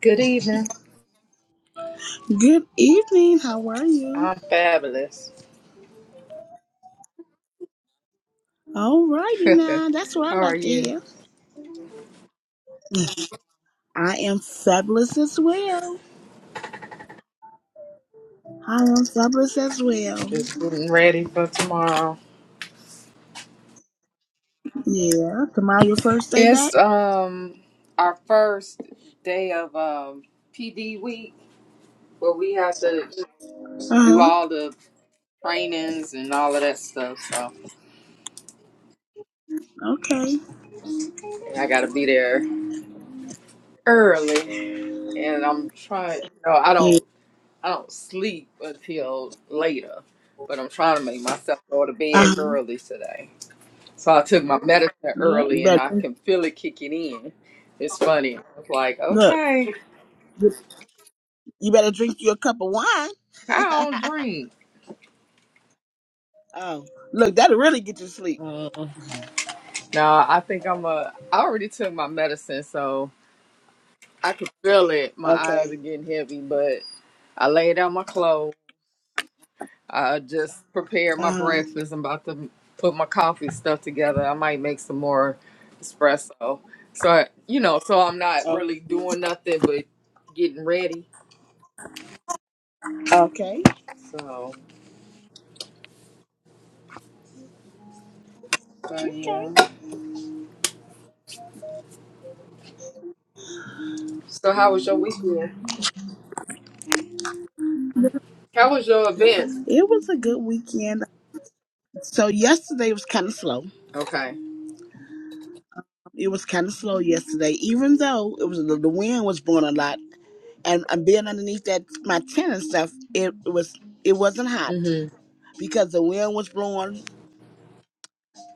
Good evening. Good evening. How are you? I'm fabulous. All righty How now. That's what I are like to you? hear. I am fabulous as well. I am fabulous as well. Just getting ready for tomorrow. Yeah. Tomorrow your first day It's back? um our first day of um PD week where we have to Uh do huh. all the trainings and all of that stuff. So Okay. and I got to be there early, and I'm trying. You know, I don't Yeah. I don't sleep until later, but I'm trying to make myself go to bed Uh huh. early today. So I took my medicine Yeah. You early and I better can feel it kicking in. It's funny. I was like, look. okay, You better drink you a cup of I wine. don't drink. oh, look, that'll really get you to sleep. Mm. No, I think I'm a. I already took my medicine, so I can feel it. My eyes Okay. are getting heavy, but I laid out my clothes. I just prepared my Uh breakfast. I'm about to put my coffee stuff together. I might make some more espresso. So, you know, so I'm not huh. really doing nothing but getting ready. Okay. So, so Okay. yeah. So how was your weekend? How was your event? It was a good weekend. So yesterday was kind of slow. Okay. It was kind of slow yesterday, even though it was the, the wind was blowing a lot, and i being underneath that my tent and stuff. It, it was it wasn't hot hmm because the wind was blowing.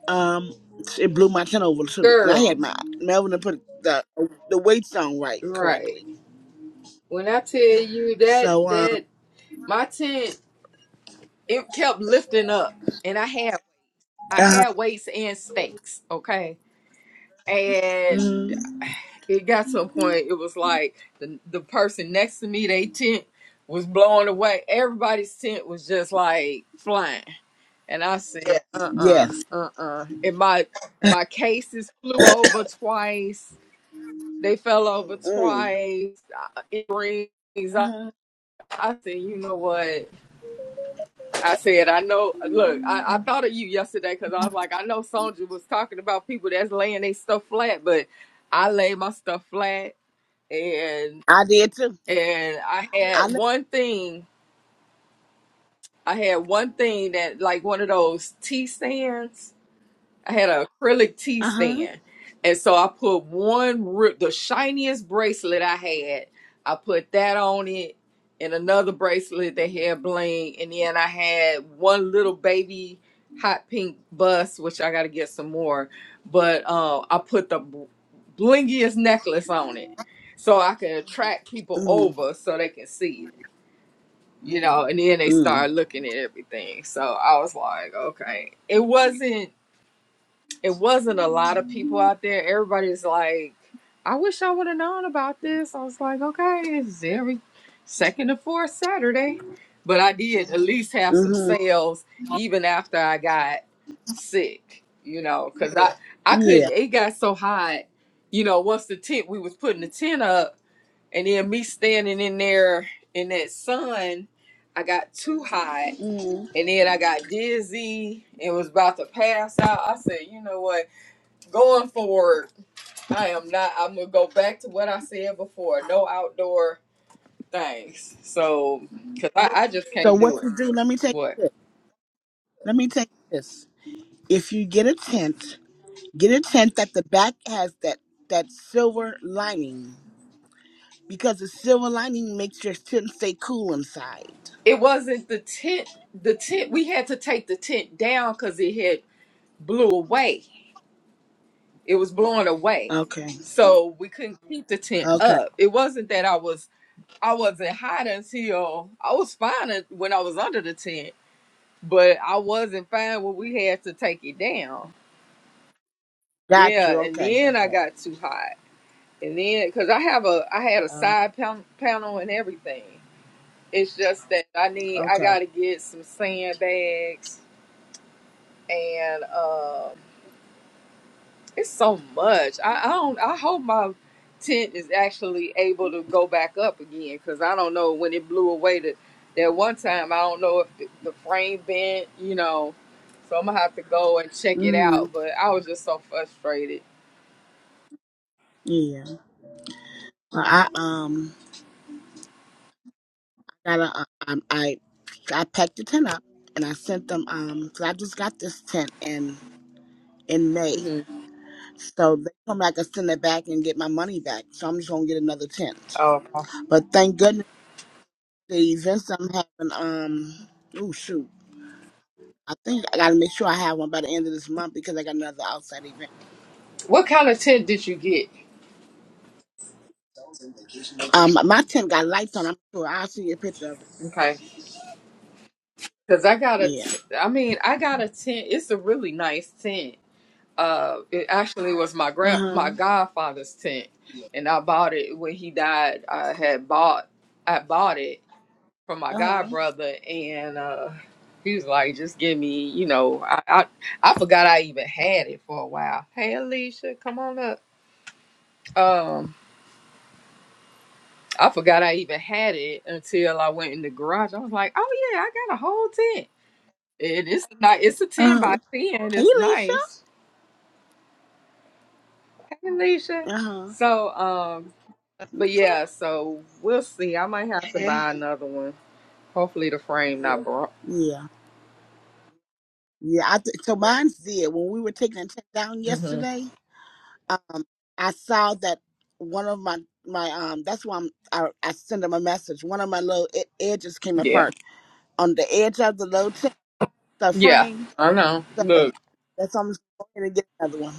Um, it blew my tent over too, and I Girl, had my Melvin to put the the weights on right right. correctly. When I tell you that So um, that my tent it kept lifting up and I had I uh-huh. had weights and stakes, okay? And mm, it got to a point it was like the the person next to me, they tent was blowing away. Everybody's tent was just like flying. And I said, uh uh yes, uh, uh uh. And my my cases flew over twice They fell over mm, twice. Uh, It rings. I, uh-huh. I said, you know what? I said, I know. Look, I, I thought of you yesterday because I was like, I know Sonja was talking about people that's laying their stuff flat, but I laid my stuff flat, and I did too. and I had I one thing. I had one thing that like one of those tea stands I had an acrylic tea uh huh, stand. And so I put one, ri- the shiniest bracelet I had, I put that on it and another bracelet that had bling. And then I had one little baby hot pink bus, which I got to get some more. But uh, I put the bl- blingiest necklace on it so I can attract people mm, over so they can see it. You know, and then they start mm, looking at everything. So I was like, okay. It wasn't it wasn't a lot of people out there. Everybody's like, I wish I would have known about this. I was like, okay, it's every second and fourth Saturday. But I did at least have some mm-hmm. sales even after I got sick, you know, because I, I yeah. couldn't, it got so hot, you know, once the tent, we was putting the tent up and then me standing in there in that sun, I got too hot Mm. and then I got dizzy and was about to pass out. I said, you know what? going forward, I am not. I'm gonna go back to what I said before. No outdoor things. So, cause I, I just So can't what do it. you do? Let me take What? this. Let me take this. if you get a tent, get a tent that the back has that that silver lining because the silver lining makes your tent stay cool inside. It wasn't the tent. The tent. We had to take the tent down because it had blew away. It was blowing away, Okay. so we couldn't keep the tent Okay. up. It wasn't that I was. I wasn't hot until I was fine un- when I was under the tent, but I wasn't fine when we had to take it down. Got Yeah, you. and Okay. then I Okay. got too hot. And then, because I have a, I had a Uh, side pan- panel and everything. It's just that I need, I okay. got to get some sandbags and uh, it's so much. I, I don't, I hope my tent is actually able to go back up again because I don't know when it blew away that, that one time, I don't know if the, the frame bent, you know. So I'm going to have to go and check it Mm-hmm. out. But I was just so frustrated. Yeah. Well, I um got a um I I packed the tent up and I sent them um 'cause I just got this tent in in May. hmm So they come back and send it back and get my money back. So I'm just gonna get another tent. Oh, okay. But thank goodness. the events I'm having. Um, oh shoot, I think I gotta make sure I have one by the end of this month because I got another outside event. what kind of tent did you get? Um, my tent got lights on. I'm sure I'll see you a picture of it. Okay. Cause I got a, Yeah. t- I mean, I got a tent. It's a really nice tent. Uh, it actually was my Uh grand, huh. my godfather's tent, and I bought it when he died. I had bought, I bought it from my Uh huh. god brother, and uh, he was like, "Just give me," you know. I, I, I forgot I even had it for a while. Hey, Alicia, come on up. Um, I forgot I even had it until I went in the garage. I was like, "Oh yeah, I got a whole tent." It is not. It's a ten Uh by huh. ten. Hey, It's Lisa. nice. Hey, Alicia. Uh huh. So, um, but yeah. So we'll see. I might have to Hey, buy another one. Hopefully the frame not broke. Yeah. Yeah. I th- so mine's did when we were taking the tent down Mhm. yesterday. Um, I saw that one of my my um. That's why I'm, I I sent them a message. One of my little e- edges came Yeah. apart on the edge of the low tent, the Yeah. frame I know. So Look. that's I'm going to get another one.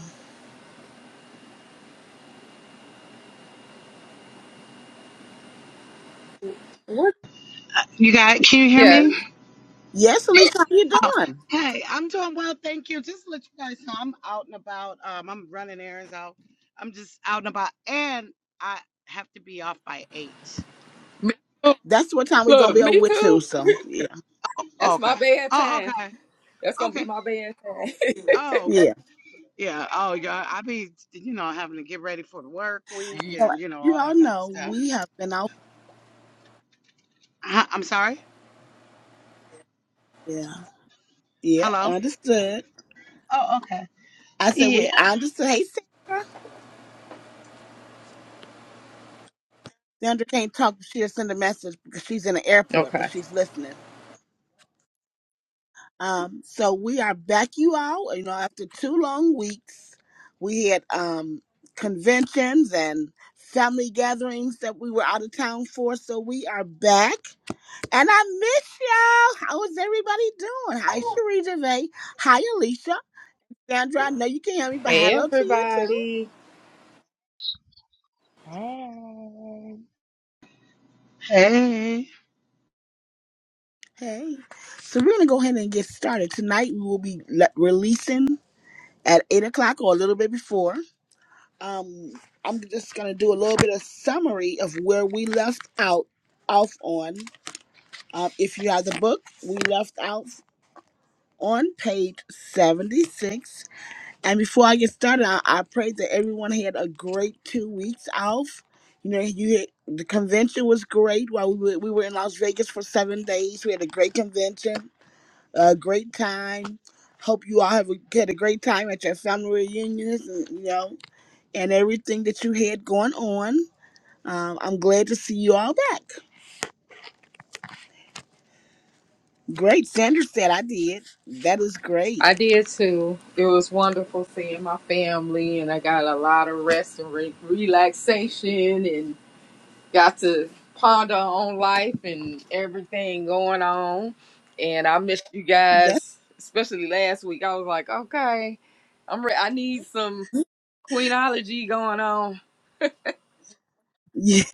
What? you got? Can you hear Yeah. me? Yes, Elise, how you doing? Hey, I'm doing well, thank you. Just to let you guys know, I'm out and about. Um, I'm running errands out. I'm just out and about, and I have to be off by eight. Me too. That's what time we're gonna Look. be over Me with too. too. So yeah, Oh, That's my okay. bad Oh, time. okay. That's gonna Okay. be my bad time. Oh, yeah. yeah. Oh, yeah. I be, you know, having to get ready for the work week So and as you know you all all that kind of know stuff. we have been out. Huh, I'm sorry. Yeah, yeah, Hello. understood. Oh, okay. I said we. Yeah. I understood. Hey, Sandra. Sandra can't talk. She'll send a message because she's in the airport, but okay. she's listening. Um, so we are back, you all. You know, after two long weeks, we had um conventions and family gatherings that we were out of town for. So we are back And I miss y'all. How is everybody doing? Hi, Cherie DeVay. Hi, Alicia. Sandra, I know you can hear me, but Hey hello to you too. everybody. Hey. Hey. Hey. So we're going to go ahead and get started. Tonight we will be le- releasing at 8 o'clock or a little bit before. Um, I'm just going to do a little bit of summary of where we left out off on. Um, if you have the book, we left out on page 76 And before I get started, I, I pray that everyone had a great two weeks off. You know, you had, the convention was great. While we were, we were in Las Vegas for seven days, we had a great convention, a great time. Hope you all have a, had a great time at your family reunions, and, you know, and everything that you had going on. Um, I'm glad to see you all back. Great, Sandra said I did. That is great. I did too. It was wonderful seeing my family, and I got a lot of rest and re- relaxation, and got to ponder on life and everything going on. And I missed you That guys, especially last week. I was like, okay, I'm re- I need some queenology going on. yeah.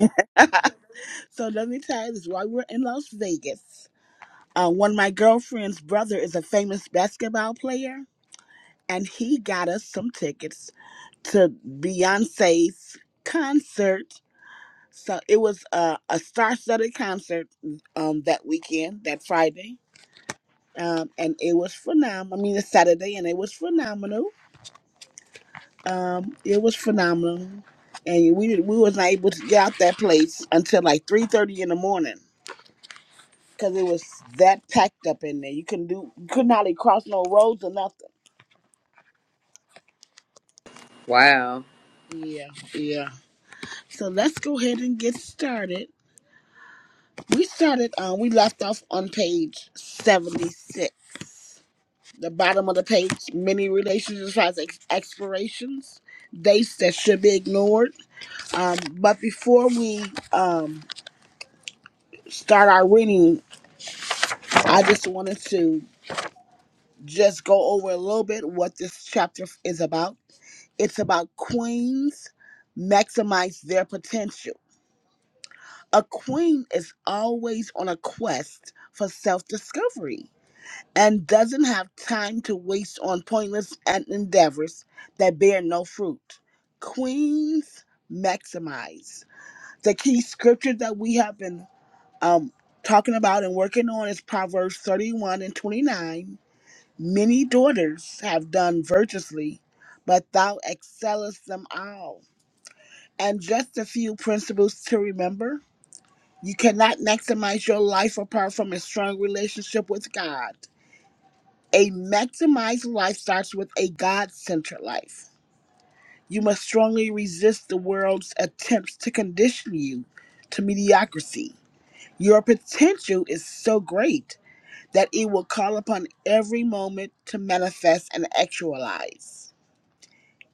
so let me tell you this: while we were in Las Vegas. Uh, one of my girlfriend's brother is a famous basketball player, and he got us some tickets to Beyonce's concert. So it was uh, a star-studded concert um, that weekend, that Friday, um, and it was phenomenal. I mean, it's Saturday, and it was phenomenal. Um, it was phenomenal, and we did, we was not able to get out that place until like three thirty in the morning because it was that packed up in there. You couldn't do, you couldn't hardly cross no roads or nothing. Wow. Yeah, yeah. So let's go ahead and get started. We started um we left off on page seventy six. The bottom of the page, many relationships has ex- expirations, dates that should be ignored. Um, but before we um start our reading, I just wanted to just go over a little bit what this chapter is about. It's about queens maximize their potential A queen is always on a quest for self discovery and doesn't have time to waste on pointless and endeavors that bear no fruit. Queens maximize. The key scripture that we have been um, talking about and working on is Proverbs 31 and 29. Many daughters have done virtuously, but thou excellest them all. And just a few principles to remember you cannot maximize your life apart from a strong relationship with God. A maximized life starts with a God centered life. You must strongly resist the world's attempts to condition you to mediocrity. Your potential is so great that it will call upon every moment to manifest and actualize.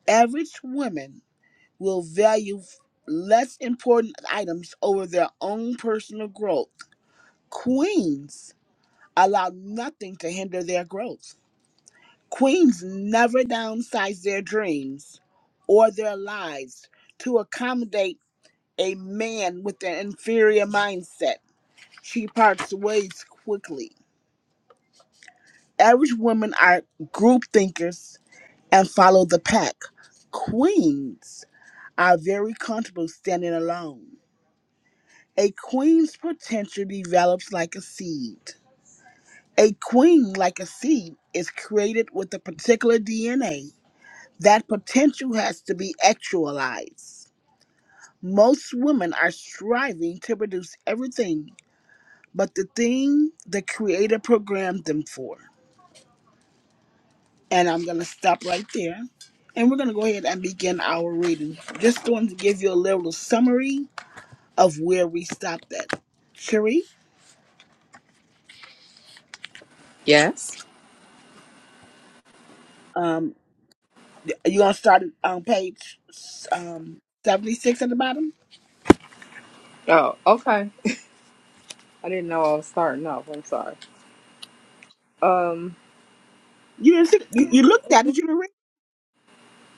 Average women will value less important items over their own personal growth. Queens allow nothing to hinder their growth. Queens never downsize their dreams or their lives to accommodate a man with an inferior mindset. She parts ways quickly. Average women are group thinkers and follow the pack. Queens are very comfortable standing alone. A queen's potential develops like a seed. A queen, like a seed, is created with a particular DNA That potential has to be actualized. Most women are striving to produce everything but the thing the creator programmed them for. And I'm going to stop right there. And we're going to go ahead and begin our reading. Just going to give you a little summary of where we stopped at. Cherie, Yes. um, are you going to start on page um, 76 at the bottom? Oh, okay. I didn't know I was starting off. I'm sorry. Um, You didn't see, you, you looked at it, you didn't read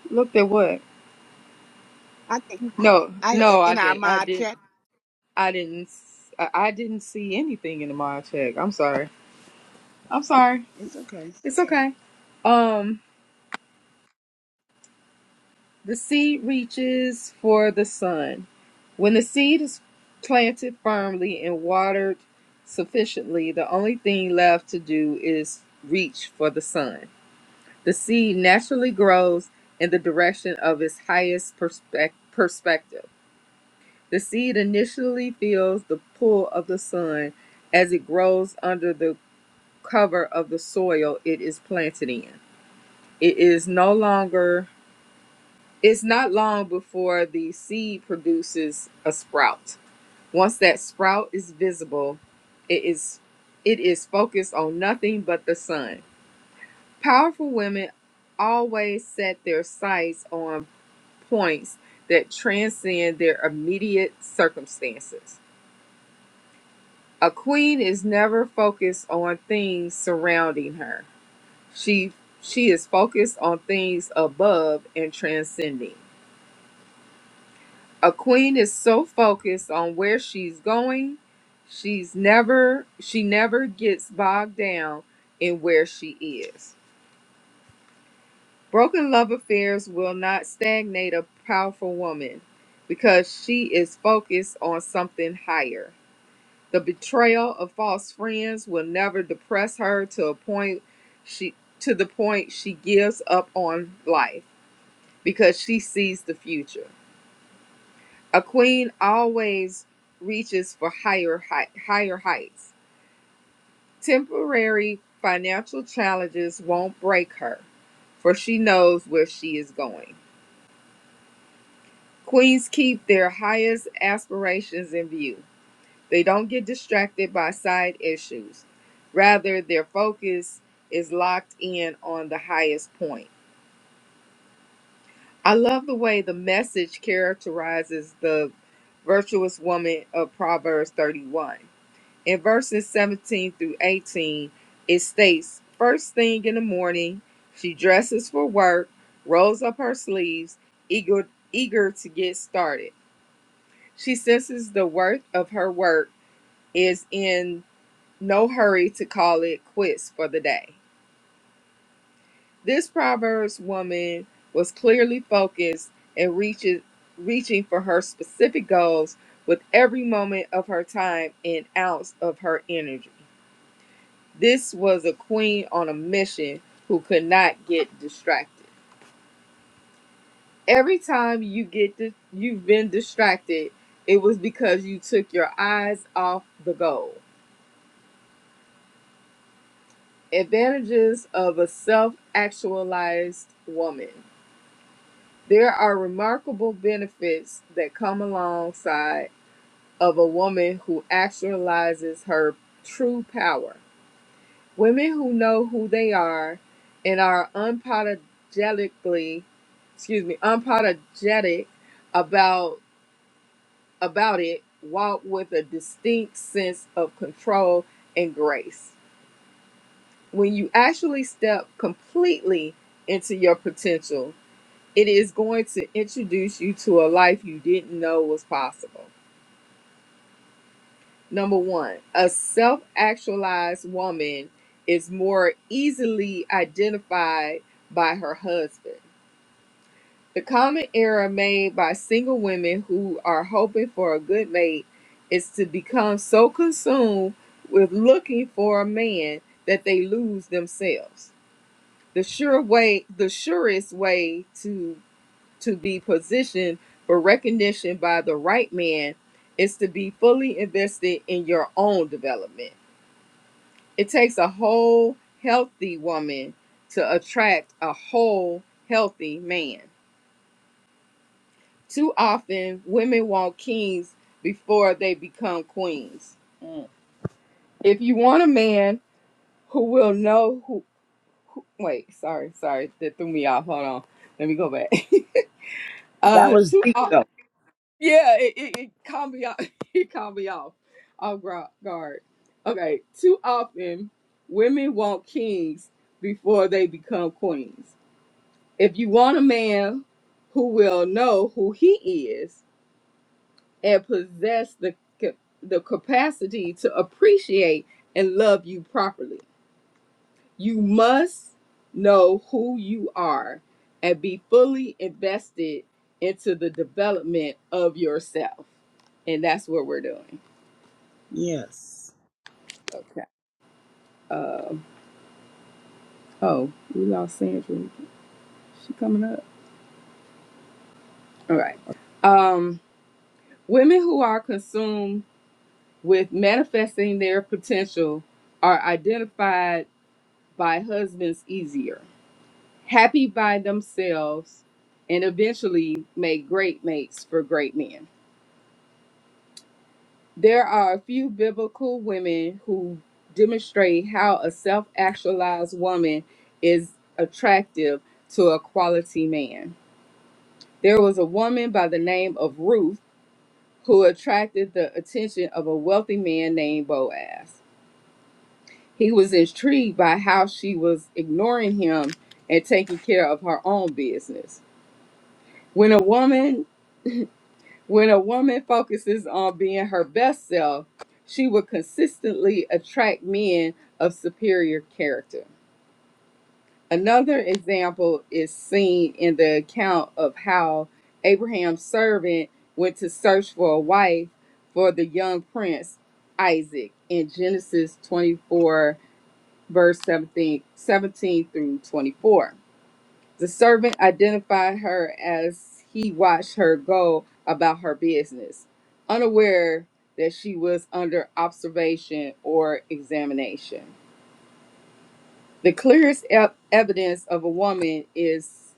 looked at what? it. I can't. No, I, no, I in our didn't. I mod didn't. chat, I didn't. s- I I didn't see anything in the mod check. I'm sorry. I'm sorry. it's okay. It's okay. Um, the seed reaches for the sun. When the seed is planted firmly and watered sufficiently, the only thing left to do is reach for the sun. The seed naturally grows in the direction of its highest perspec- perspective. The seed initially feels the pull of the sun as it grows under the cover of the soil it is planted in. It is no longer, it's not long before the seed produces a sprout. Once that sprout is visible, it is it is focused on nothing but the sun. Powerful women always set their sights on points that transcend their immediate circumstances. A queen is never focused on things surrounding her. She she is focused on things above and transcending. A queen is so focused on where she's going, she's never she never gets bogged down in where she is. Broken love affairs will not stagnate a powerful woman because she is focused on something higher. The betrayal of false friends will never depress her to a point she to the point she gives up on life. because she sees the future. A queen always reaches for higher height, higher heights. Temporary financial challenges won't break her, for she knows where she is going. Queens keep their highest aspirations in view. They don't get distracted by side issues. Rather, their focus is locked in on the highest point. I love the way the message characterizes the virtuous woman of Proverbs 31. In verses 17 through 18, it states First thing in the morning, she dresses for work, rolls up her sleeves, eager, eager to get started. She senses the worth of her work, is in no hurry to call it quits for the day. This Proverbs woman was clearly focused and reaches, reaching for her specific goals with every moment of her time and ounce of her energy. This was a queen on a mission who could not get distracted. Every time you get di- you've been distracted, it was because you took your eyes off the goal. Advantages of a self-actualized woman. There are remarkable benefits that come alongside of a woman who actualizes her true power. Women who know who they are and are unapologetically, excuse me, unapologetic about about it walk with a distinct sense of control and grace. When you actually step completely into your potential, It is going to introduce you to a life you didn't know was possible. Number one, a self actualized woman is more easily identified by her husband. The common error made by single women who are hoping for a good mate is to become so consumed with looking for a man that they lose themselves. The sure way, the surest way to to be positioned for recognition by the right man is to be fully invested in your own development. It takes a whole healthy woman to attract a whole healthy man. Too often, women want kings before they become queens. If you want a man who will know who, who wait, sorry, sorry, that threw me off. Hold on, let me go back. That Uh, was deep too. though. Yeah, it, it, it caught me off. It caught me off off gra- guard. Okay, too often women want kings before they become queens. If you want a man who will know who he is and possess the ca- the capacity to appreciate and love you properly, you must know who you are and be fully invested into the development of yourself. And that's what we're doing. Yes. Okay. Um, oh, we lost Sandra. She coming up. All right. Um, women who are consumed with manifesting their potential are identified by husbands easier, happy by themselves, and eventually make great mates for great men. There are a few biblical women who demonstrate how a self actualized woman is attractive to a quality man. There was a woman by the name of Ruth who attracted the attention of a wealthy man named Boaz. He was intrigued by how she was ignoring him and taking care of her own business. When a woman When a woman focuses on being her best self, she will consistently attract men of superior character. Another example is seen in the account of how Abraham's servant went to search for a wife for the young prince Isaac in Genesis 24, verse 17 17 through 24. The servant identified her as he watched her go about her business, unaware that she was under observation or examination. The clearest e- evidence of a woman is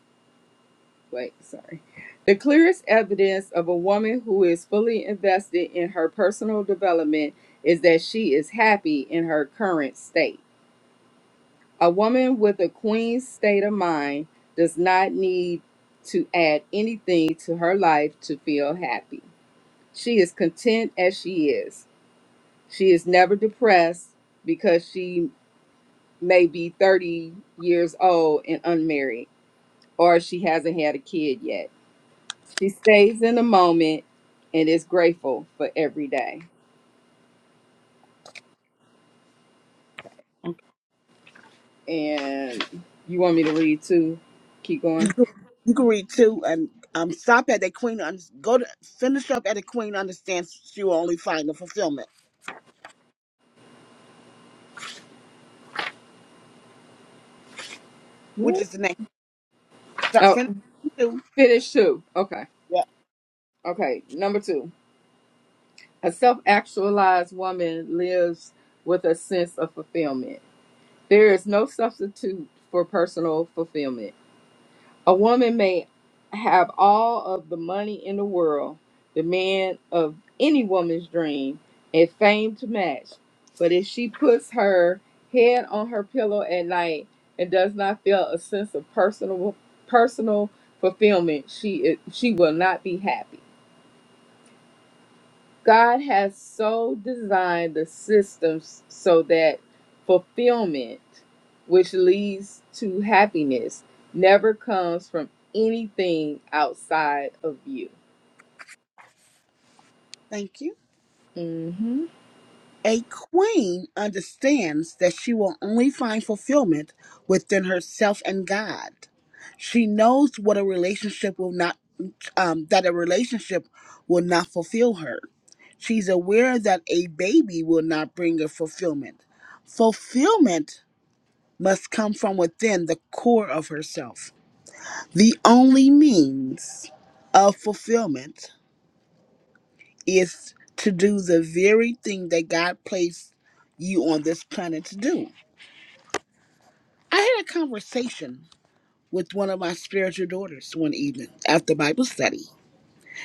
wait, sorry. The clearest evidence of a woman who is fully invested in her personal development is that she is happy in her current state. A woman with a queen's state of mind does not need to add anything to her life to feel happy. She is content as she is. She is never depressed because she may be 30 years old and unmarried or she hasn't had a kid yet. She stays in the moment and is grateful for every day. And you want me to read two? Keep going. You can read two and um stop at that queen un- go to finish up at a queen understands she will only find the fulfillment, which What? is the next start Oh, finish two. finish two. Okay. Yeah. Okay. Number two. A self actualized woman lives with a sense of fulfillment. There is no substitute for personal fulfillment. A woman may have all of the money in the world, the man of any woman's dream, and fame to match. But if she puts her head on her pillow at night and does not feel a sense of personal personal fulfillment, she she will not be happy. God has so designed the systems so that fulfillment, which leads to happiness, never comes from anything outside of you. Thank you. hmm A queen understands that she will only find fulfillment within herself and God. She knows what a relationship will not um that a relationship will not fulfill her. She's aware that a baby will not bring her fulfillment. Fulfillment must come from within the core of herself. The only means of fulfillment is to do the very thing that God placed you on this planet to do. I had a conversation with one of my spiritual daughters one evening after Bible study.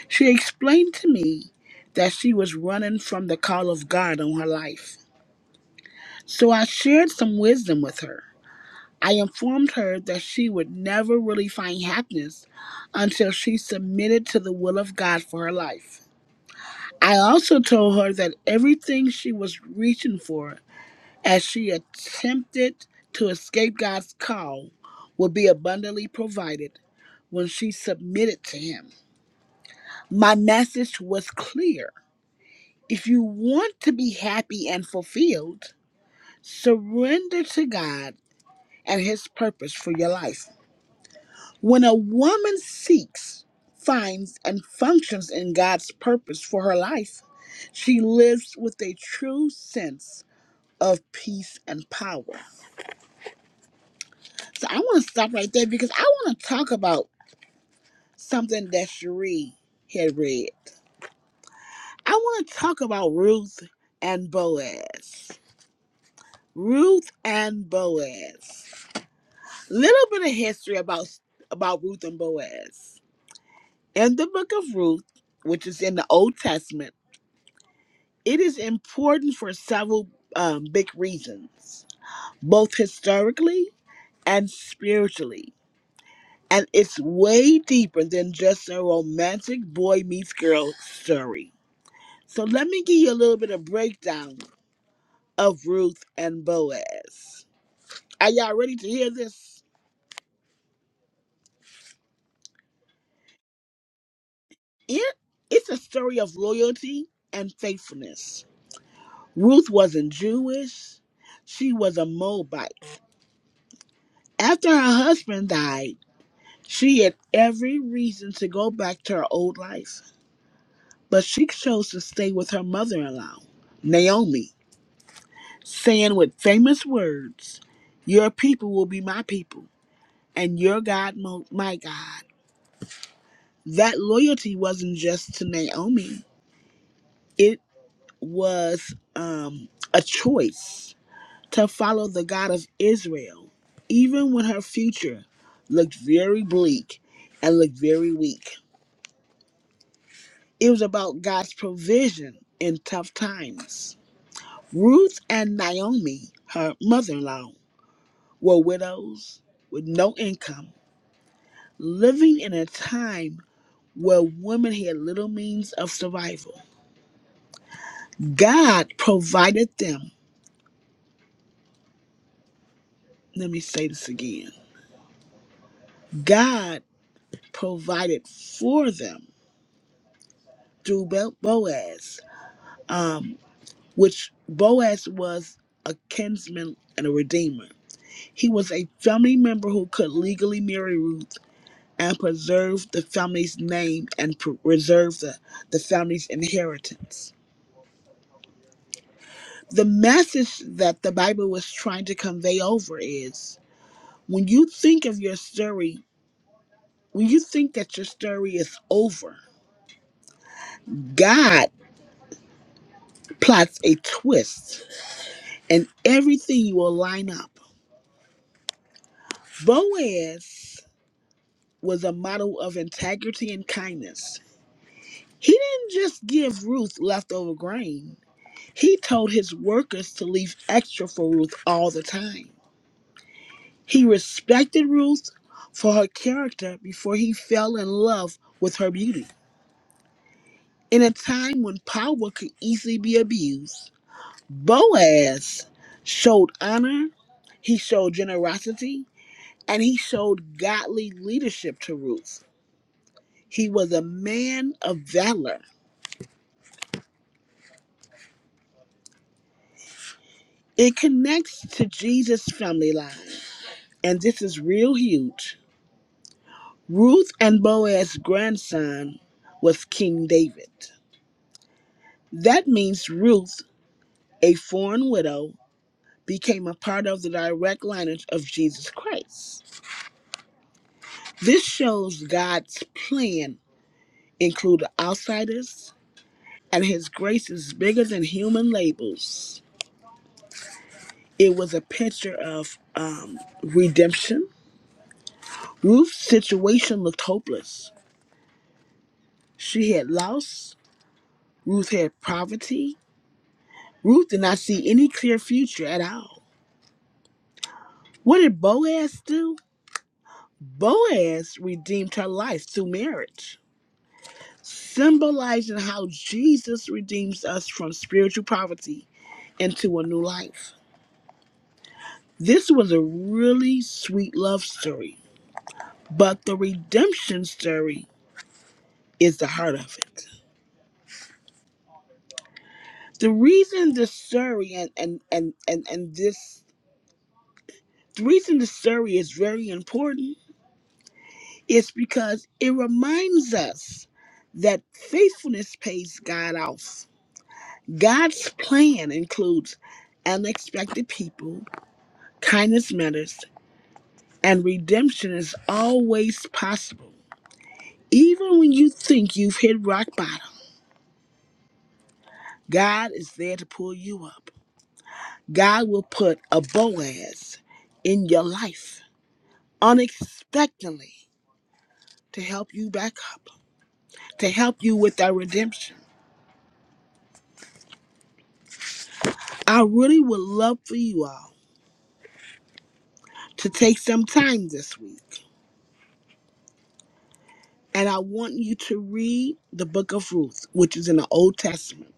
She explained to me that she was running from the call of God on her life So I shared some wisdom with her. I informed her that she would never really find happiness until she submitted to the will of God for her life. I also told her that everything she was reaching for as she attempted to escape God's call would be abundantly provided when she submitted to Him. My message was clear. If you want to be happy and fulfilled, surrender to God and his purpose for your life. When a woman seeks, finds, and functions in God's purpose for her life, she lives with a true sense of peace and power. So I want to stop right there because I want to talk about something that Cherie had read. I want to talk about Ruth and Boaz. Ruth and Boaz. Little bit of history about about Ruth and Boaz. In the book of Ruth, which is in the Old Testament, it is important for several um, big reasons, both historically and spiritually. And it's way deeper than just a romantic boy meets girl story. So let me give you a little bit of breakdown of Ruth and Boaz. Are y'all ready to hear this? It, it's a story of loyalty and faithfulness. Ruth wasn't Jewish, she was a Moabite After her husband died, she had every reason to go back to her old life, but she chose to stay with her mother in law, Naomi, saying with famous words, Your people will be my people, and your God, mo- my God. That loyalty wasn't just to Naomi, it was um, a choice to follow the God of Israel, even when her future looked very bleak and looked very weak. It was about God's provision in tough times. Ruth and Naomi, her mother in law, were widows with no income, living in a time where women had little means of survival. God provided them. Let me say this again God provided for them through Bo- Boaz, um, which Boaz was a kinsman and a redeemer. He was a family member who could legally marry Ruth and preserve the family's name and pre- reserve the, the family's inheritance. The message that the Bible was trying to convey over is when you think of your story, when you think that your story is over, God plots a twist and everything will line up. Boaz was a model of integrity and kindness. He didn't just give Ruth leftover grain. He told his workers to leave extra for Ruth all the time. He respected Ruth for her character before he fell in love with her beauty. In a time when power could easily be abused, Boaz showed honor, he showed generosity, and he showed godly leadership to Ruth. He was a man of valor. It connects to Jesus' family line, and this is real huge. Ruth and Boaz's grandson was King David. That means Ruth, a foreign widow, became a part of the direct lineage of Jesus Christ. This shows God's plan included outsiders, and his grace is bigger than human labels. It was a picture of um, redemption. Ruth's situation looked hopeless. She had lost, Ruth had poverty. Ruth did not see any clear future at all. What did Boaz do? Boaz redeemed her life through marriage, symbolizing how Jesus redeems us from spiritual poverty into a new life. This was a really sweet love story, but the redemption story is the heart of it. The reason this story and and and and, and this the reason this story is very important is because it reminds us that faithfulness pays God off God's plan includes unexpected people, kindness matters, and redemption is always possible. Even when you think you've hit rock bottom, God is there to pull you up. God will put a Boaz in your life unexpectedly to help you back up, to help you with that redemption. I really would love for you all to take some time this week And I want you to read the book of Ruth, which is in the Old Testament,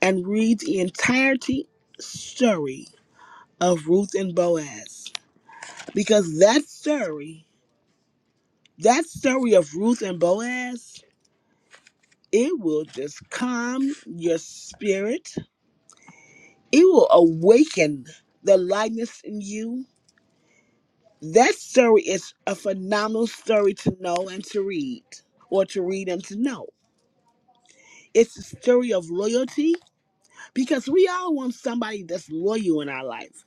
and read the entirety story of Ruth and Boaz. Because that story, that story of Ruth and Boaz, it will just calm your spirit. It will awaken the lightness in you. That story is a phenomenal story to know and to read, or to read and to know. It's a story of loyalty Because we all want somebody that's loyal in our life.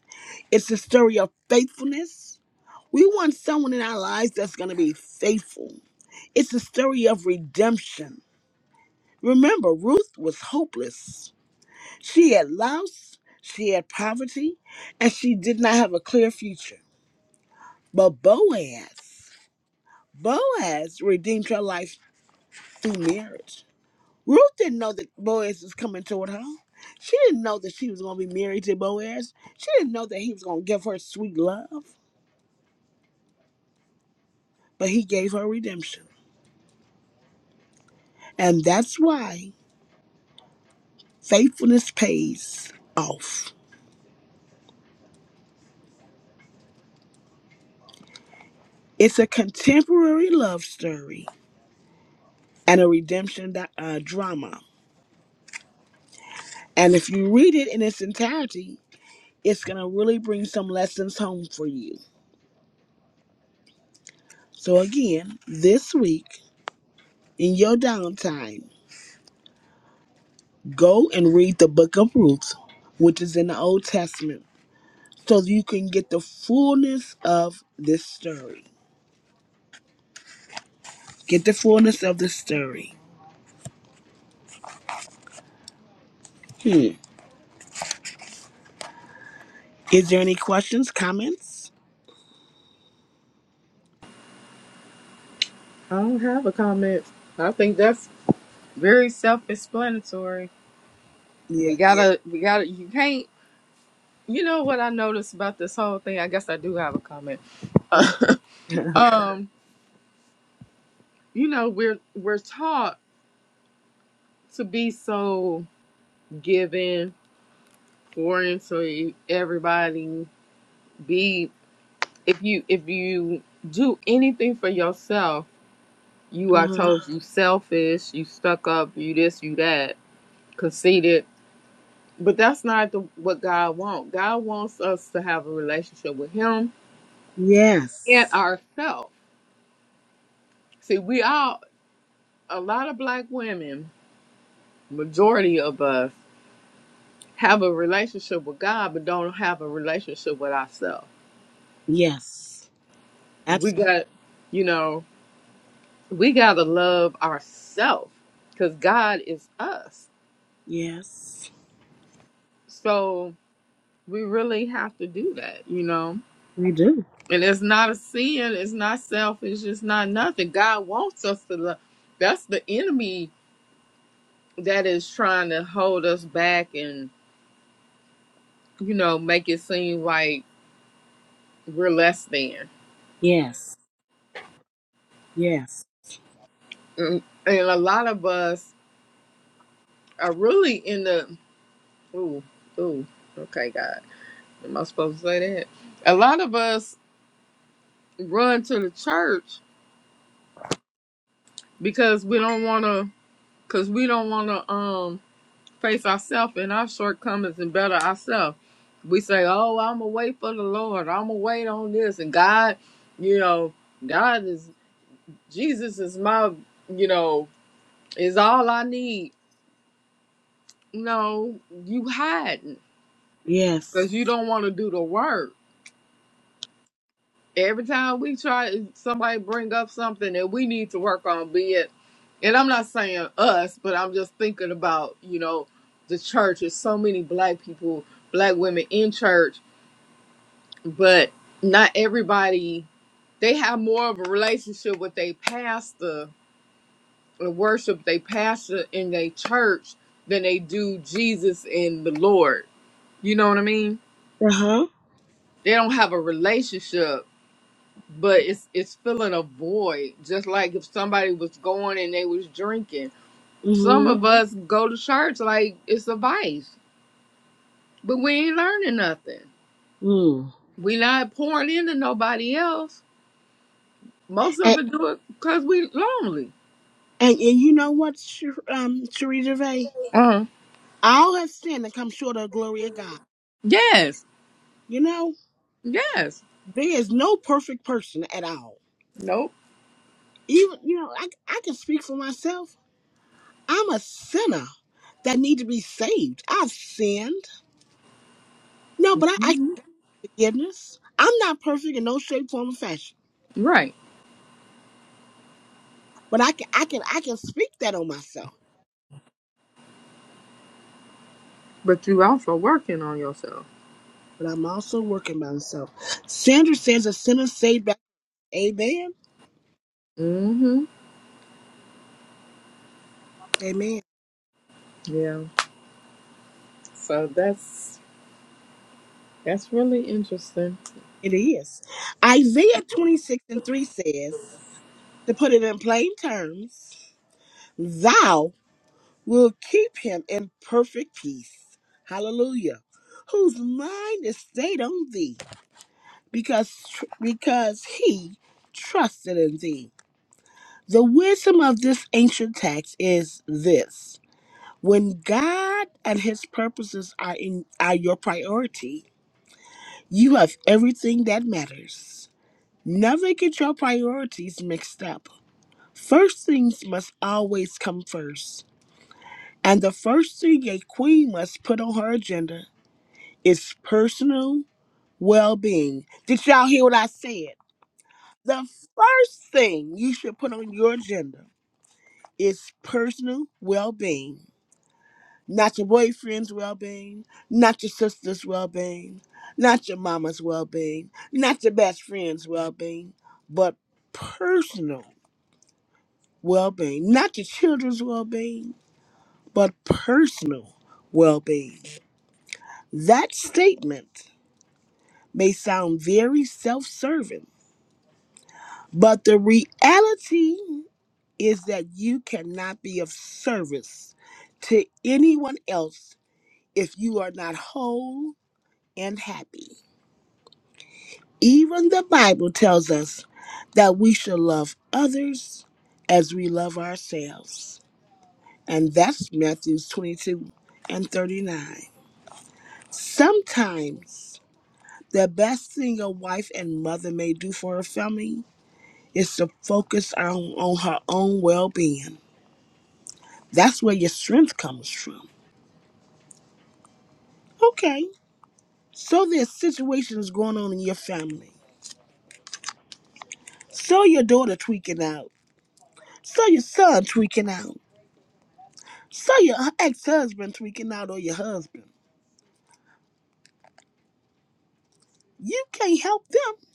It's a story of faithfulness. We want someone in our lives that's going to be faithful. It's a story of redemption. Remember, Ruth was hopeless. She had loss, she had poverty, and she did not have a clear future. But Boaz, Boaz redeemed her life through marriage. Ruth didn't know that Boaz was coming toward her. She didn't know that she was going to be married to Boaz. She didn't know that he was going to give her sweet love, but he gave her redemption. And that's why faithfulness pays off. It's a contemporary love story and a redemption di- uh, drama. And if you read it in its entirety, it's going to really bring some lessons home for you. So, again, this week in your downtime, Go and read the book of Ruth, which is in the Old Testament, so that you can get the fullness of this story. Get the fullness of the story. Hmm. Is there any questions, comments? I don't have a comment. I think that's very self-explanatory. We Yeah. Yeah. gotta, we gotta. You can't. You know what I noticed about this whole thing? I guess I do have a comment. Okay. Um, you know, we're we're taught to be so giving foreign so e- everybody be if you if you do anything for yourself you are uh-huh. told you selfish you stuck up you this you that conceited but that's not the, what god wants god wants us to have a relationship with him and Yes. ourselves see we all a lot of black women majority of us have a relationship with god but don't have a relationship with ourselves Yes. we Absolutely. got you know we gotta love ourselves because God is us. Yes. So we really have to do that, you know. We do. And it's not a sin, it's not selfish, it's not nothing. God wants us to love. That's the enemy that is trying to hold us back and, you know, make it seem like we're less than. Yes. Yes. And and a lot of us are really in the, ooh, ooh, okay, God, am I supposed to say that? A lot of us run to the church because we don't want to because we don't want to um face ourselves and our shortcomings and better ourselves we say oh i'm gonna wait for the lord i'm gonna wait on this and god you know god is jesus is my you know is all i need no you hiding Yes. because you don't want to do the work every time we try somebody bring up something that we need to work on be it and i'm not saying us but i'm just thinking about you know the church there's so many black people black women in church but not everybody they have more of a relationship with their pastor or worship their pastor in their church than they do jesus and the lord you know what i mean Uh huh. they don't have a relationship but it's it's filling a void just like if somebody was going and they was drinking some Mm of us go to church like it's a vice but we ain't learning nothing hmm. Mm. we not pouring into nobody else most of And, us do it because we lonely and and you know what, Sh- um, Cherie Gervais? uh All have sinned and come short of the glory of God. yes You know, yes there is no perfect person at all. nope Even, you know, I, I can speak for myself. I'm a sinner that need to be saved. I've sinned. No, but I ask forgiveness. I'm not perfect in no shape, form, or fashion. right But I can, I can, I can speak that on myself. but you also working on yourself But I'm also working by myself. Sandra says a sinner saved by Amen. mm-hmm Amen. yeah so that's that's really interesting It is. Isaiah 26 and 3 says, to put it in plain terms, thou. will keep him in perfect peace. Hallelujah. Whose mind is stayed on thee because because he trusted in thee. The wisdom of this ancient text is this. When God and his purposes are in are your priority, you have everything that matters. Never get your priorities mixed up. First things must always come first. And the first thing a queen must put on her agenda It's personal well being. Did y'all hear what I said? The first thing you should put on your agenda is personal well being. Not your boyfriend's well being, not your sister's well being, not your mama's well being, not your best friend's well being, but personal well being. Not your children's well being, but personal well being. That statement may sound very self serving But the reality is that you cannot be of service to anyone else if you are not whole and happy. Even the Bible tells us that we should love others as we love ourselves. And that's Matthews 22 and 39. Sometimes the best thing a wife and mother may do for her family is to focus on, on her own well being That's where your strength comes from. Okay. So there's situations going on in your family. So your daughter tweaking out. So your son tweaking out. So your ex-husband tweaking out or your husband. You can't help them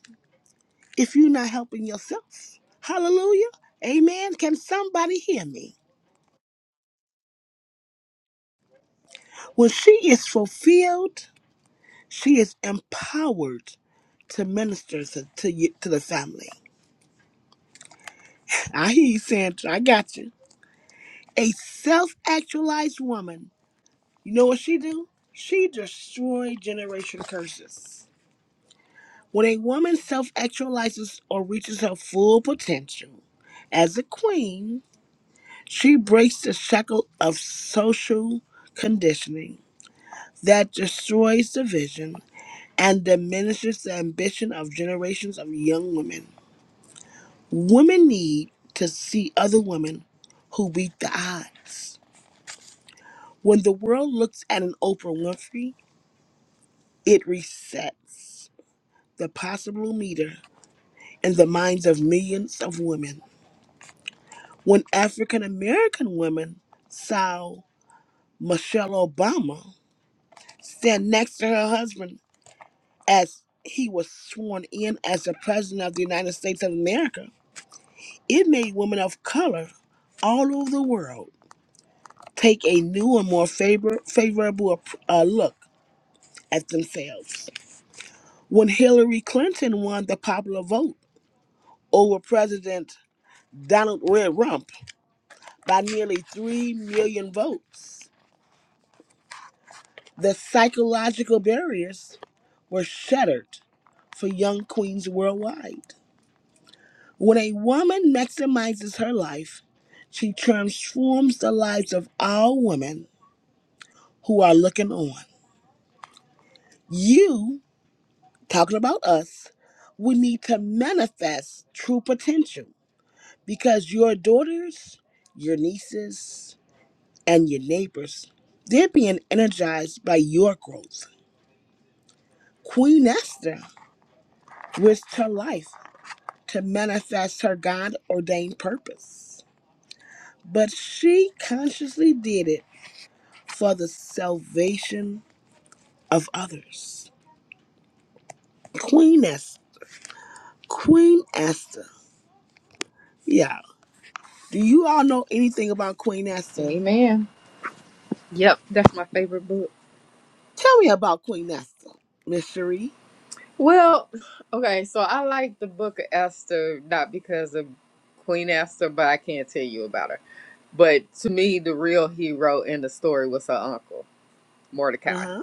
if you're not helping yourself. Hallelujah. Amen. Can somebody hear me? When she is fulfilled, she is empowered to minister to, to, you, to the family. I hear you, Sandra. I got you. A self actualized woman You know what she do? She destroy generation curses. When a woman self-actualizes or reaches her full potential as a queen, she breaks the shackle of social conditioning that destroys the vision and diminishes the ambition of generations of young women. Women need to see other women who beat the odds. When the world looks at an Oprah Winfrey, it resets the possible leader in the minds of millions of women. When African American women saw Michelle Obama stand next to her husband as he was sworn in as the President of the United States of America, it made women of color all over the world take a new and more favor- favorable ap- uh, look at themselves. When Hillary Clinton won the popular vote over President Donald Red Rump, by nearly 3 million votes. The psychological barriers were shattered for young queens worldwide. When a woman maximizes her life, she transforms the lives of all women who are looking on. You, talking about us, we need to manifest true potential because your daughters, your nieces, and your neighbors, they're being energized by your growth Queen Esther risked her life to manifest her God ordained purpose. But she consciously did it for the salvation of others. Queen Esther. Queen Esther. Yeah. Do you all know anything about Queen Esther? amen yep that's my favorite book Tell me about Queen Esther, Miss Cherie. Well, okay, so I like the book of Esther not because of Queen Esther, but I can't tell you about her. But to me, the real hero in the story was her uncle, Uh Mordecai. huh.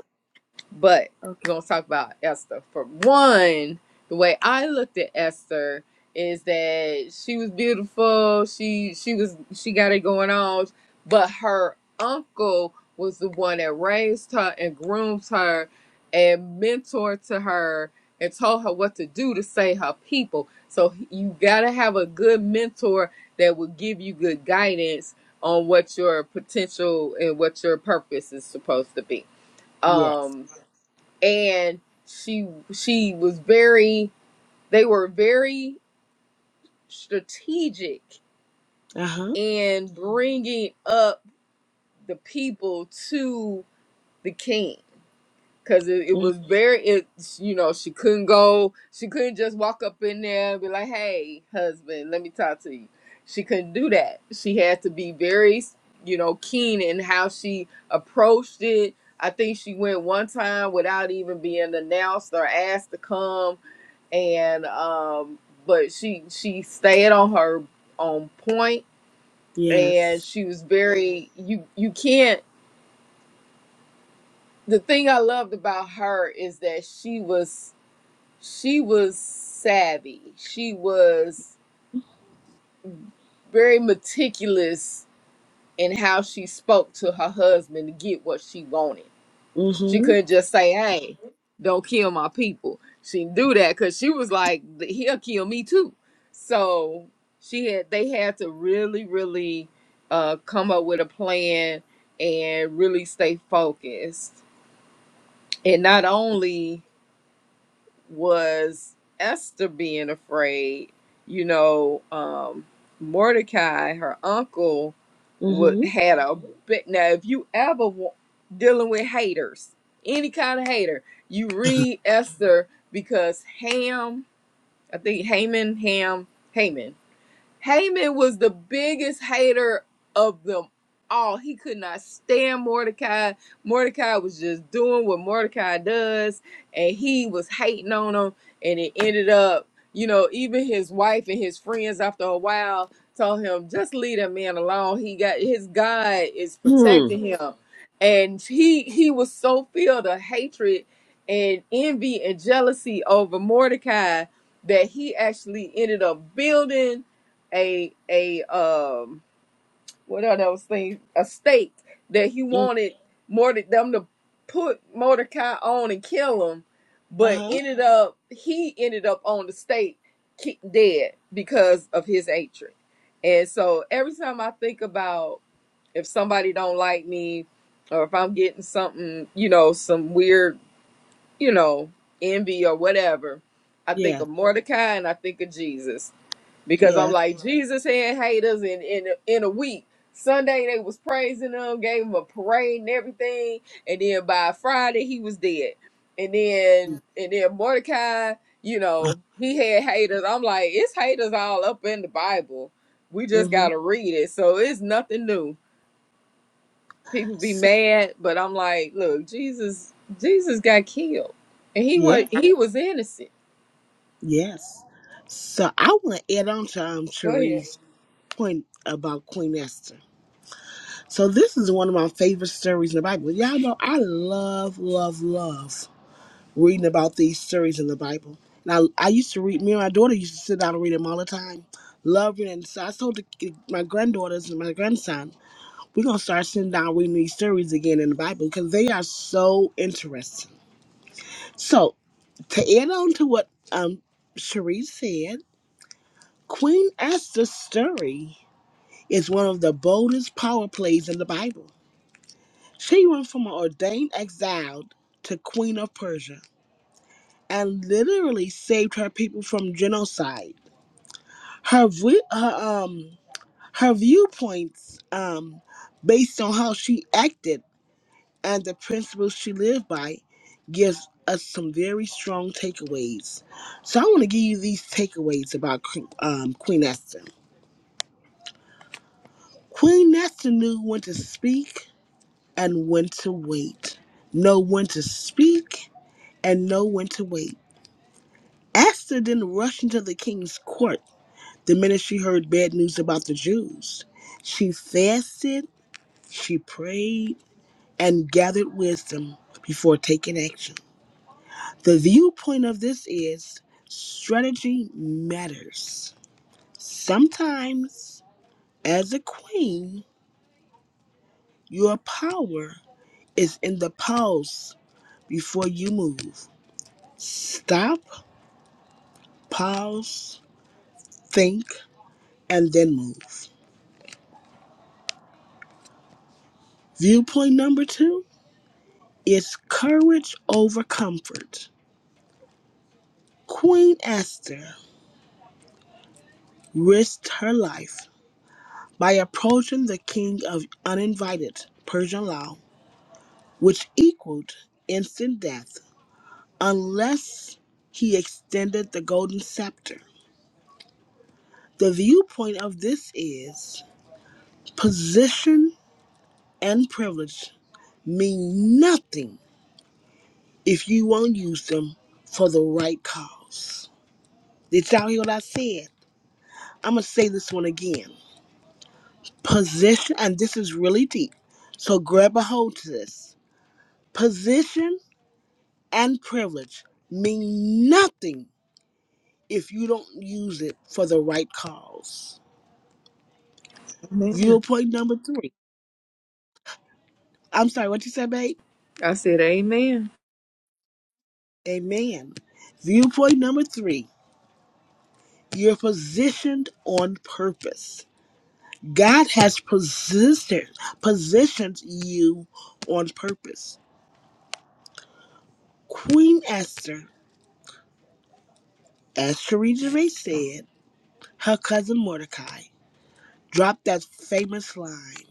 But Okay. we're going to talk about Esther. For one, the way I looked at Esther is that she was beautiful. She she was she got it going on, but her uncle was the one that raised her and groomed her and mentored to her and told her what to do to save her people. So you got to have a good mentor that will give you good guidance on what your potential and what your purpose is supposed to be. Yes. Um and she she was very they were very strategic Uh huh. in bringing up the people to the king because it, it was very it you know she couldn't go she couldn't just walk up in there and be like hey husband let me talk to you she couldn't do that she had to be very you know keen in how she approached it i think she went one time without even being announced or asked to come and um but she she stayed on her on point Yes. and she was very you you can't the thing i loved about her is that she was she was savvy she was very meticulous in how she spoke to her husband to get what she wanted She Mm couldn't just say, "Hey, don't kill my people." She do that because she was like, "He'll kill me too." So she had they had to really, really uh, come up with a plan and really stay focused. And not only was Esther being afraid. You know, um, Mordecai, her uncle, hmm. would Mm had a bit. Now, if you ever wa- dealing with haters, any kind of hater, you hmm. read Esther because Ham, I think Haman, Ham, Haman. Haman was the biggest hater of them all. He could not stand Mordecai. Mordecai was just doing what Mordecai does, and he was hating on him. And it ended up, you know, even his wife and his friends after a while told him, just leave that man alone. He got his God is Hmm. protecting him. And he he was so filled of hatred and envy and jealousy over Mordecai that he actually ended up building a a um what are those things a stake that he Uh wanted more than them to put Mordecai on and kill him, but huh. ended up he ended up on the stake ki- dead because of his hatred. And so every time I think about if somebody don't like me or if I'm getting something, you know, some weird, you know, envy or whatever, I think Yeah. of Mordecai and I think of Jesus because I'm Yeah. like Jesus had haters in in in a week. Sunday they was praising him, gave him a parade and everything, and then by Friday he was dead. And then and then Mordecai, you know, he had haters. I'm like, it's haters all up in the Bible. We just Mm-hmm. gotta read it. So it's nothing new. People be So, mad, but I'm like, look, Jesus, Jesus got killed, and he was yeah, he was innocent. yes. So I want to add on to um Go ahead. Cherie's point about Queen Esther. So this is one of my favorite stories in the Bible. Y'all know I love, love, love reading about these stories in the Bible. And I, I used to read. Me and my daughter used to sit down and read them all the time. Love reading. So I told the, eh, my granddaughters and my grandson, we're gonna start sitting down reading these stories again in the Bible because they are so interesting. So to add on to what um Cherie said. Queen Esther's story is one of the boldest power plays in the Bible. She went from an ordained exile to Queen of Persia and literally saved her people from genocide. Her vi- her um her viewpoints um based on how she acted and the principles she lived by gives us some very strong takeaways. So I want to give you these takeaways about Queen- um, Queen Esther. Queen Esther knew when to speak and when to wait. Know when to speak and know when to wait. Esther didn't rush into the king's court the minute she heard bad news about the Jews. She fasted, she prayed, and gathered wisdom before taking action. The viewpoint of this is strategy matters. Sometimes, as a queen, your power is in the pause before you move. Stop Pause, think, and then move. Viewpoint number two is courage over comfort. Queen Esther risked her life by approaching the king of uninvited Persian law, which equaled instant death unless he extended the golden scepter. The viewpoint of this is position and privilege mean nothing if you won't use them for the right cause. Did y'all hear what I said? I'm going to say this one again. Position, and this is really deep, so grab a hold to this. Position and privilege mean nothing if you don't use it for the right cause. Amen. Viewpoint number three. I'm sorry, what you said, babe? I said, Amen. Amen. Viewpoint number three. You're positioned on purpose. God has positioned positioned you on purpose. Queen Esther, as Cherie Gervais said, her cousin Mordecai dropped that famous line.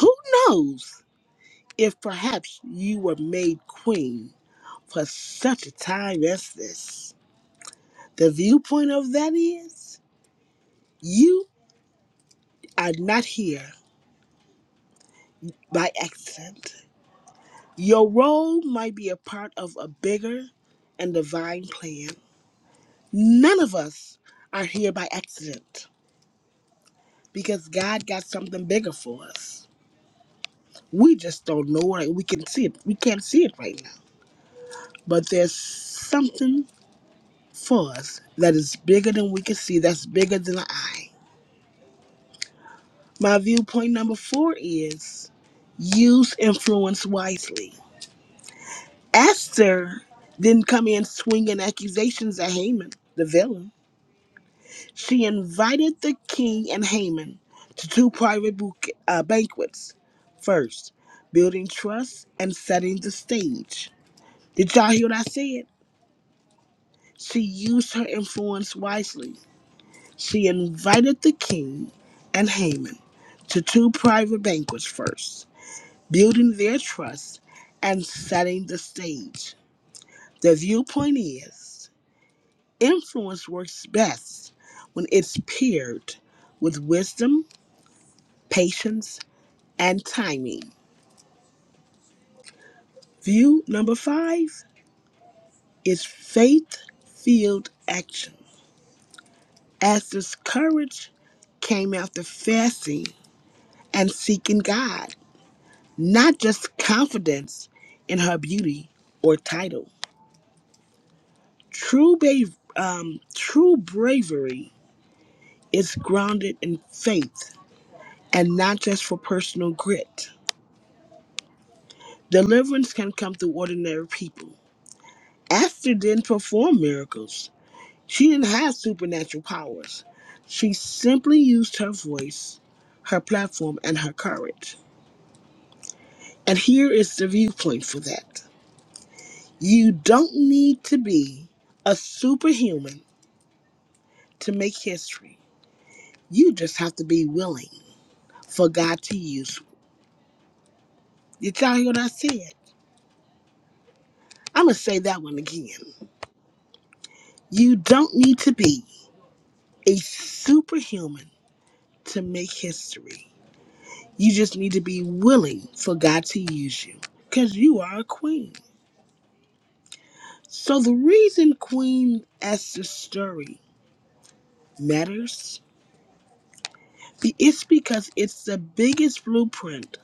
Who knows if perhaps you were made queen for such a time as this? The viewpoint of that is you are not here by accident. Your role might be a part of a bigger and divine plan. None of us are here by accident because God got something bigger for us. We just don't know it. We can see it. We can't see it right now. But there's something for us that is bigger than we can see, that's bigger than the eye. My viewpoint number four is use influence wisely. Esther didn't come in swinging accusations at Haman, the villain. She invited the king and Haman to two private bouquet, uh, banquets. First, building trust and setting the stage. Did y'all hear what I said? She used her influence wisely. She invited the king and Haman to two private banquets first, building their trust and setting the stage. The viewpoint is influence works best when it's paired with wisdom, patience, and timing. View number five is faith filled action. Esther's courage came after fasting and seeking God, not just confidence in her beauty or title. True, ba- um, true bravery is grounded in faith and not just for personal grit. Deliverance can come through ordinary people. Esther didn't perform miracles She didn't have supernatural powers. She simply used her voice, her platform, and her courage. And here is the viewpoint for that. You don't need to be a superhuman to make history. You just have to be willing for God to use. you. Did y'all hear what I said? I'm going to say that one again. You don't need to be a superhuman to make history. You just need to be willing for God to use you because you are a queen. So the reason Queen Esther's story matters is because it's the biggest blueprint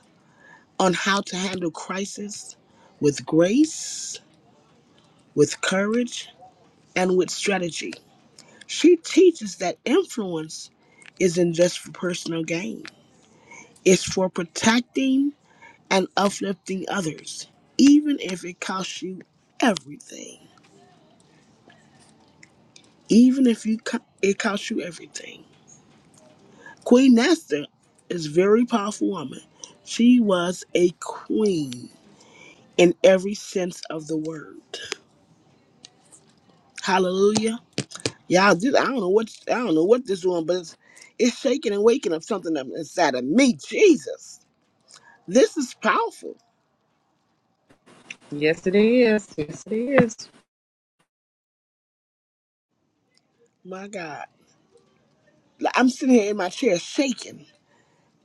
on how to handle crisis with grace, with courage, and with strategy. She teaches that influence isn't just for personal gain, it's for protecting and uplifting others, even if it costs you everything. Even if you co- it costs you everything. Queen Esther is a very powerful woman. She was a queen in every sense of the word. Hallelujah. Y'all, this, I don't know what I don't know what this one, but it's, it's shaking and waking up something up inside of me. Jesus, this is powerful. Yes, it is. Yes, it is. My God, Like, I'm sitting here in my chair shaking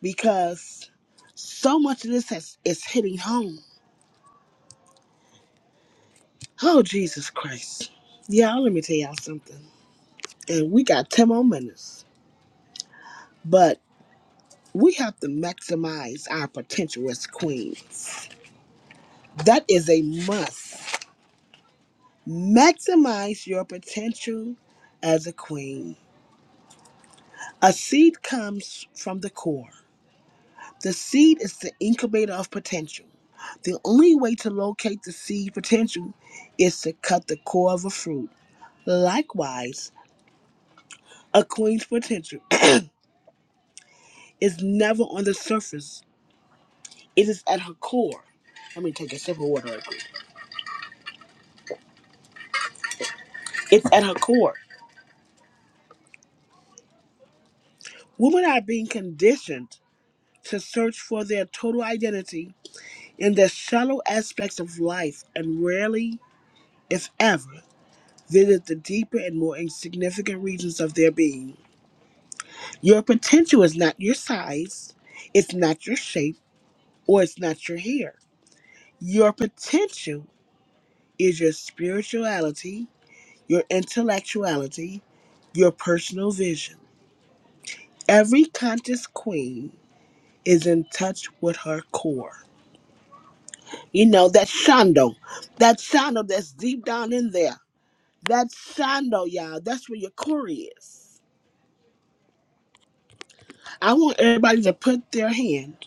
because so much of this has is hitting home. Oh Jesus Christ, y'all, let me tell y'all something. And we got ten more minutes, but. We have to maximize our potential as queens. That is a must. Maximize your potential as a queen. A seed comes from the core. The seed is the incubator of potential. The only way to locate the seed potential is to cut the core of a fruit. Likewise, a queen's potential is never on the surface, it is at her core. Let me take a sip of water. real quick. It's at her core. Women are being conditioned to search for their total identity in the shallow aspects of life and rarely, if ever, visit the deeper and more insignificant regions of their being. Your potential is not your size, it's not your shape, or it's not your hair. Your potential is your spirituality, your intellectuality, your personal vision. Every conscious queen is in touch with her core. You know, that shando, that shando that's deep down in there. That shando, y'all, that's where your core is. I want everybody to put their hand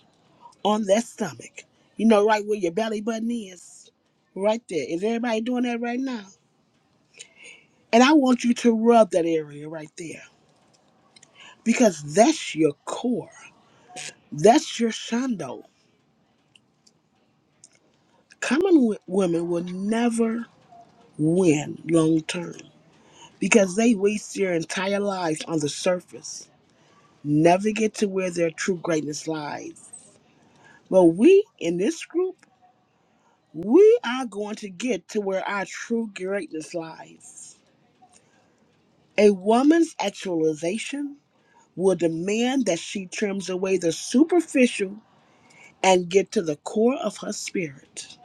on their stomach. You know, right where your belly button is. Right there. Is everybody doing that right now? And I want you to rub that area right there because that's your core. That's your shando. Common w- women will never win long term because they waste their entire lives on the surface never get to where their true greatness lies. But we in this group, we are going to get to where our true greatness lies. A woman's actualization will demand that she trims away the superficial and get to the core of her spirit.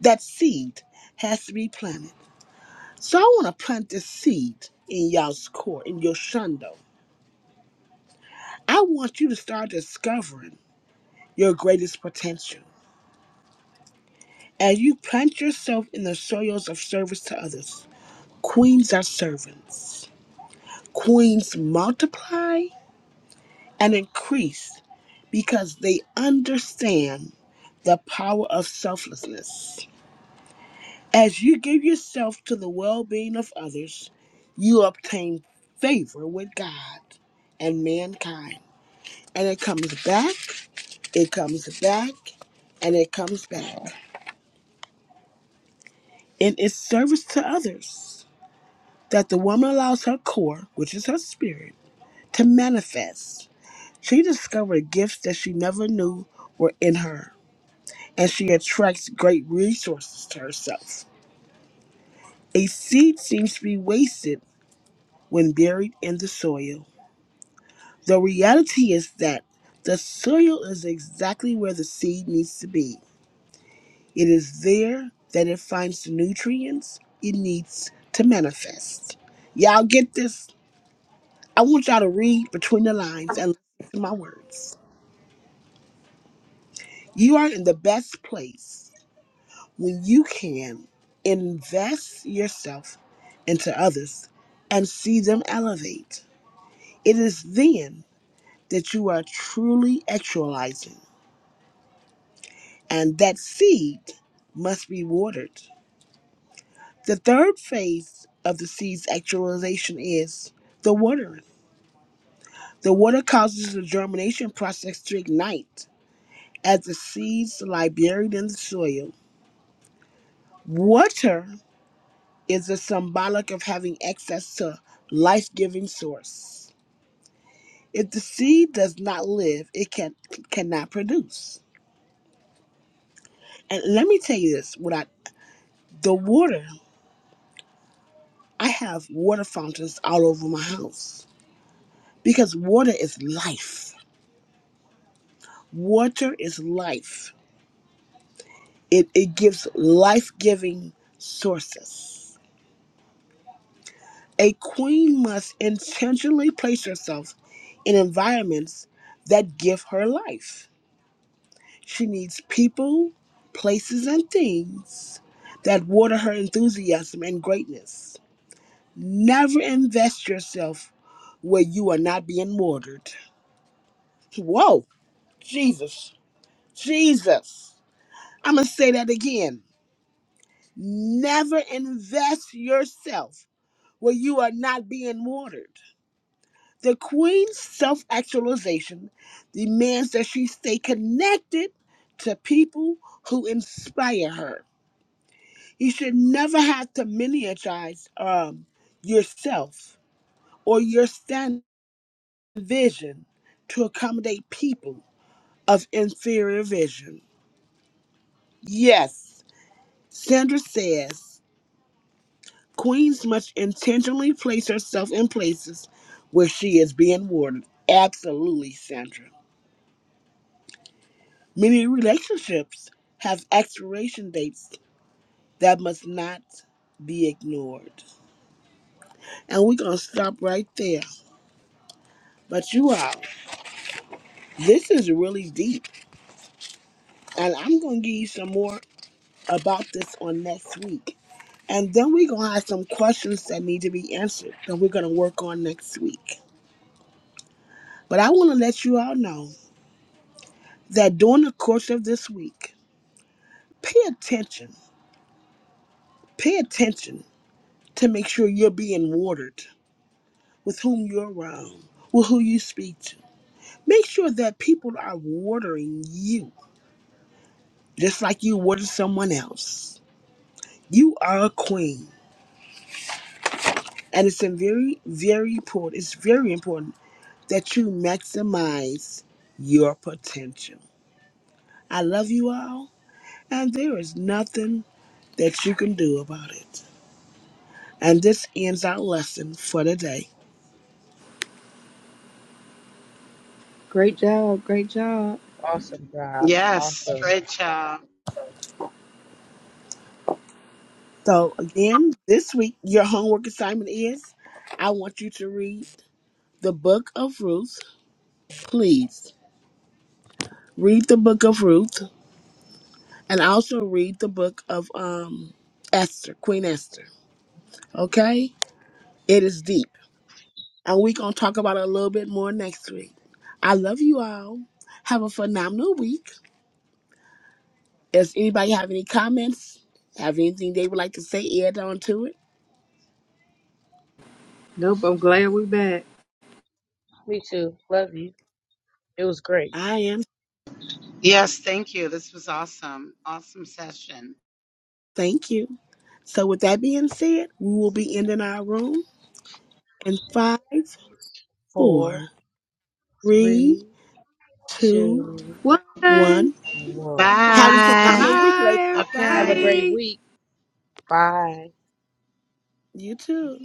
That seed has to be planted. So I want to plant this seed in y'all's core, in your shundo. I want you to start discovering your greatest potential. As you plant yourself in the soils of service to others, queens are servants. Queens multiply and increase because they understand the power of selflessness. As you give yourself to the well being of others, you obtain favor with God and mankind. And it comes back, it comes back, and it comes back. And it's service to others. that the woman allows her core, which is her spirit, to manifest. She discovered gifts that she never knew were in her, and she attracts great resources to herself. A seed seems to be wasted when buried in the soil. The reality is that the soil is exactly where the seed needs to be. It is there that it finds the nutrients it needs to manifest. Y'all get this? I want y'all to read between the lines and listen to my words. You are in the best place when you can invest yourself into others and see them elevate. It is then that you are truly actualizing, and that seed must be watered. The third phase of the seed's actualization is the watering. The water causes the germination process to ignite as the seeds lie buried in the soil Water is a symbolic of having access to life-giving source. If the seed does not live, it can cannot produce. And let me tell you this: without the water, I have water fountains all over my house because water is life. Water is life. It it gives life-giving sources. A queen must intentionally place herself in environments that give her life She needs people, places, and things that water her enthusiasm and greatness. Never invest yourself where you are not being watered. Whoa, Jesus, Jesus. I'm going to say that again. Never invest yourself where you are not being watered. The queen's self actualization demands that she stay connected to people who inspire her You should never have to miniaturize um, yourself or your stand vision to accommodate people of inferior vision. Yes, Sandra says queens must intentionally place herself in places where she is being warded. Absolutely, Sandra. Many relationships have expiration dates that must not be ignored. And we're going to stop right there. But you all. This is really deep. And I'm going to give you some more about this on next week. And then we're going to have some questions that need to be answered that we're going to work on next week. But I want to let you all know that during the course of this week, pay attention. Pay attention to make sure you're being watered with whom you're around, with who you speak to. Make sure that people are watering you just like you water someone else. You are a queen. And it's a very, very important. It's very important that you maximize your potential. I love you all, and there is nothing that you can do about it. And this ends our lesson for today. Great job. Great job. Awesome job. Yes, Awesome. great job. So again, this week your homework assignment is I want you to read the book of Ruth. Please read the book of Ruth and also read the book of um Esther, Queen Esther. Okay? It is deep. and we're going to talk about it a little bit more next week. I love you all. Have a phenomenal week. Does anybody have any comments? Have anything they would like to say? Add on to it. Nope, I'm glad we're back. Me too. Love you. It was great. I am. Yes, thank you. This was awesome. Awesome session. Thank you. So, with that being said, we will be ending our room in five, Four, four, three, three, two, two, One. Bye, one. one. Have a Bye. phenomenal week, ladies. Have a Bye. Okay. everybody. great week. Bye. You too.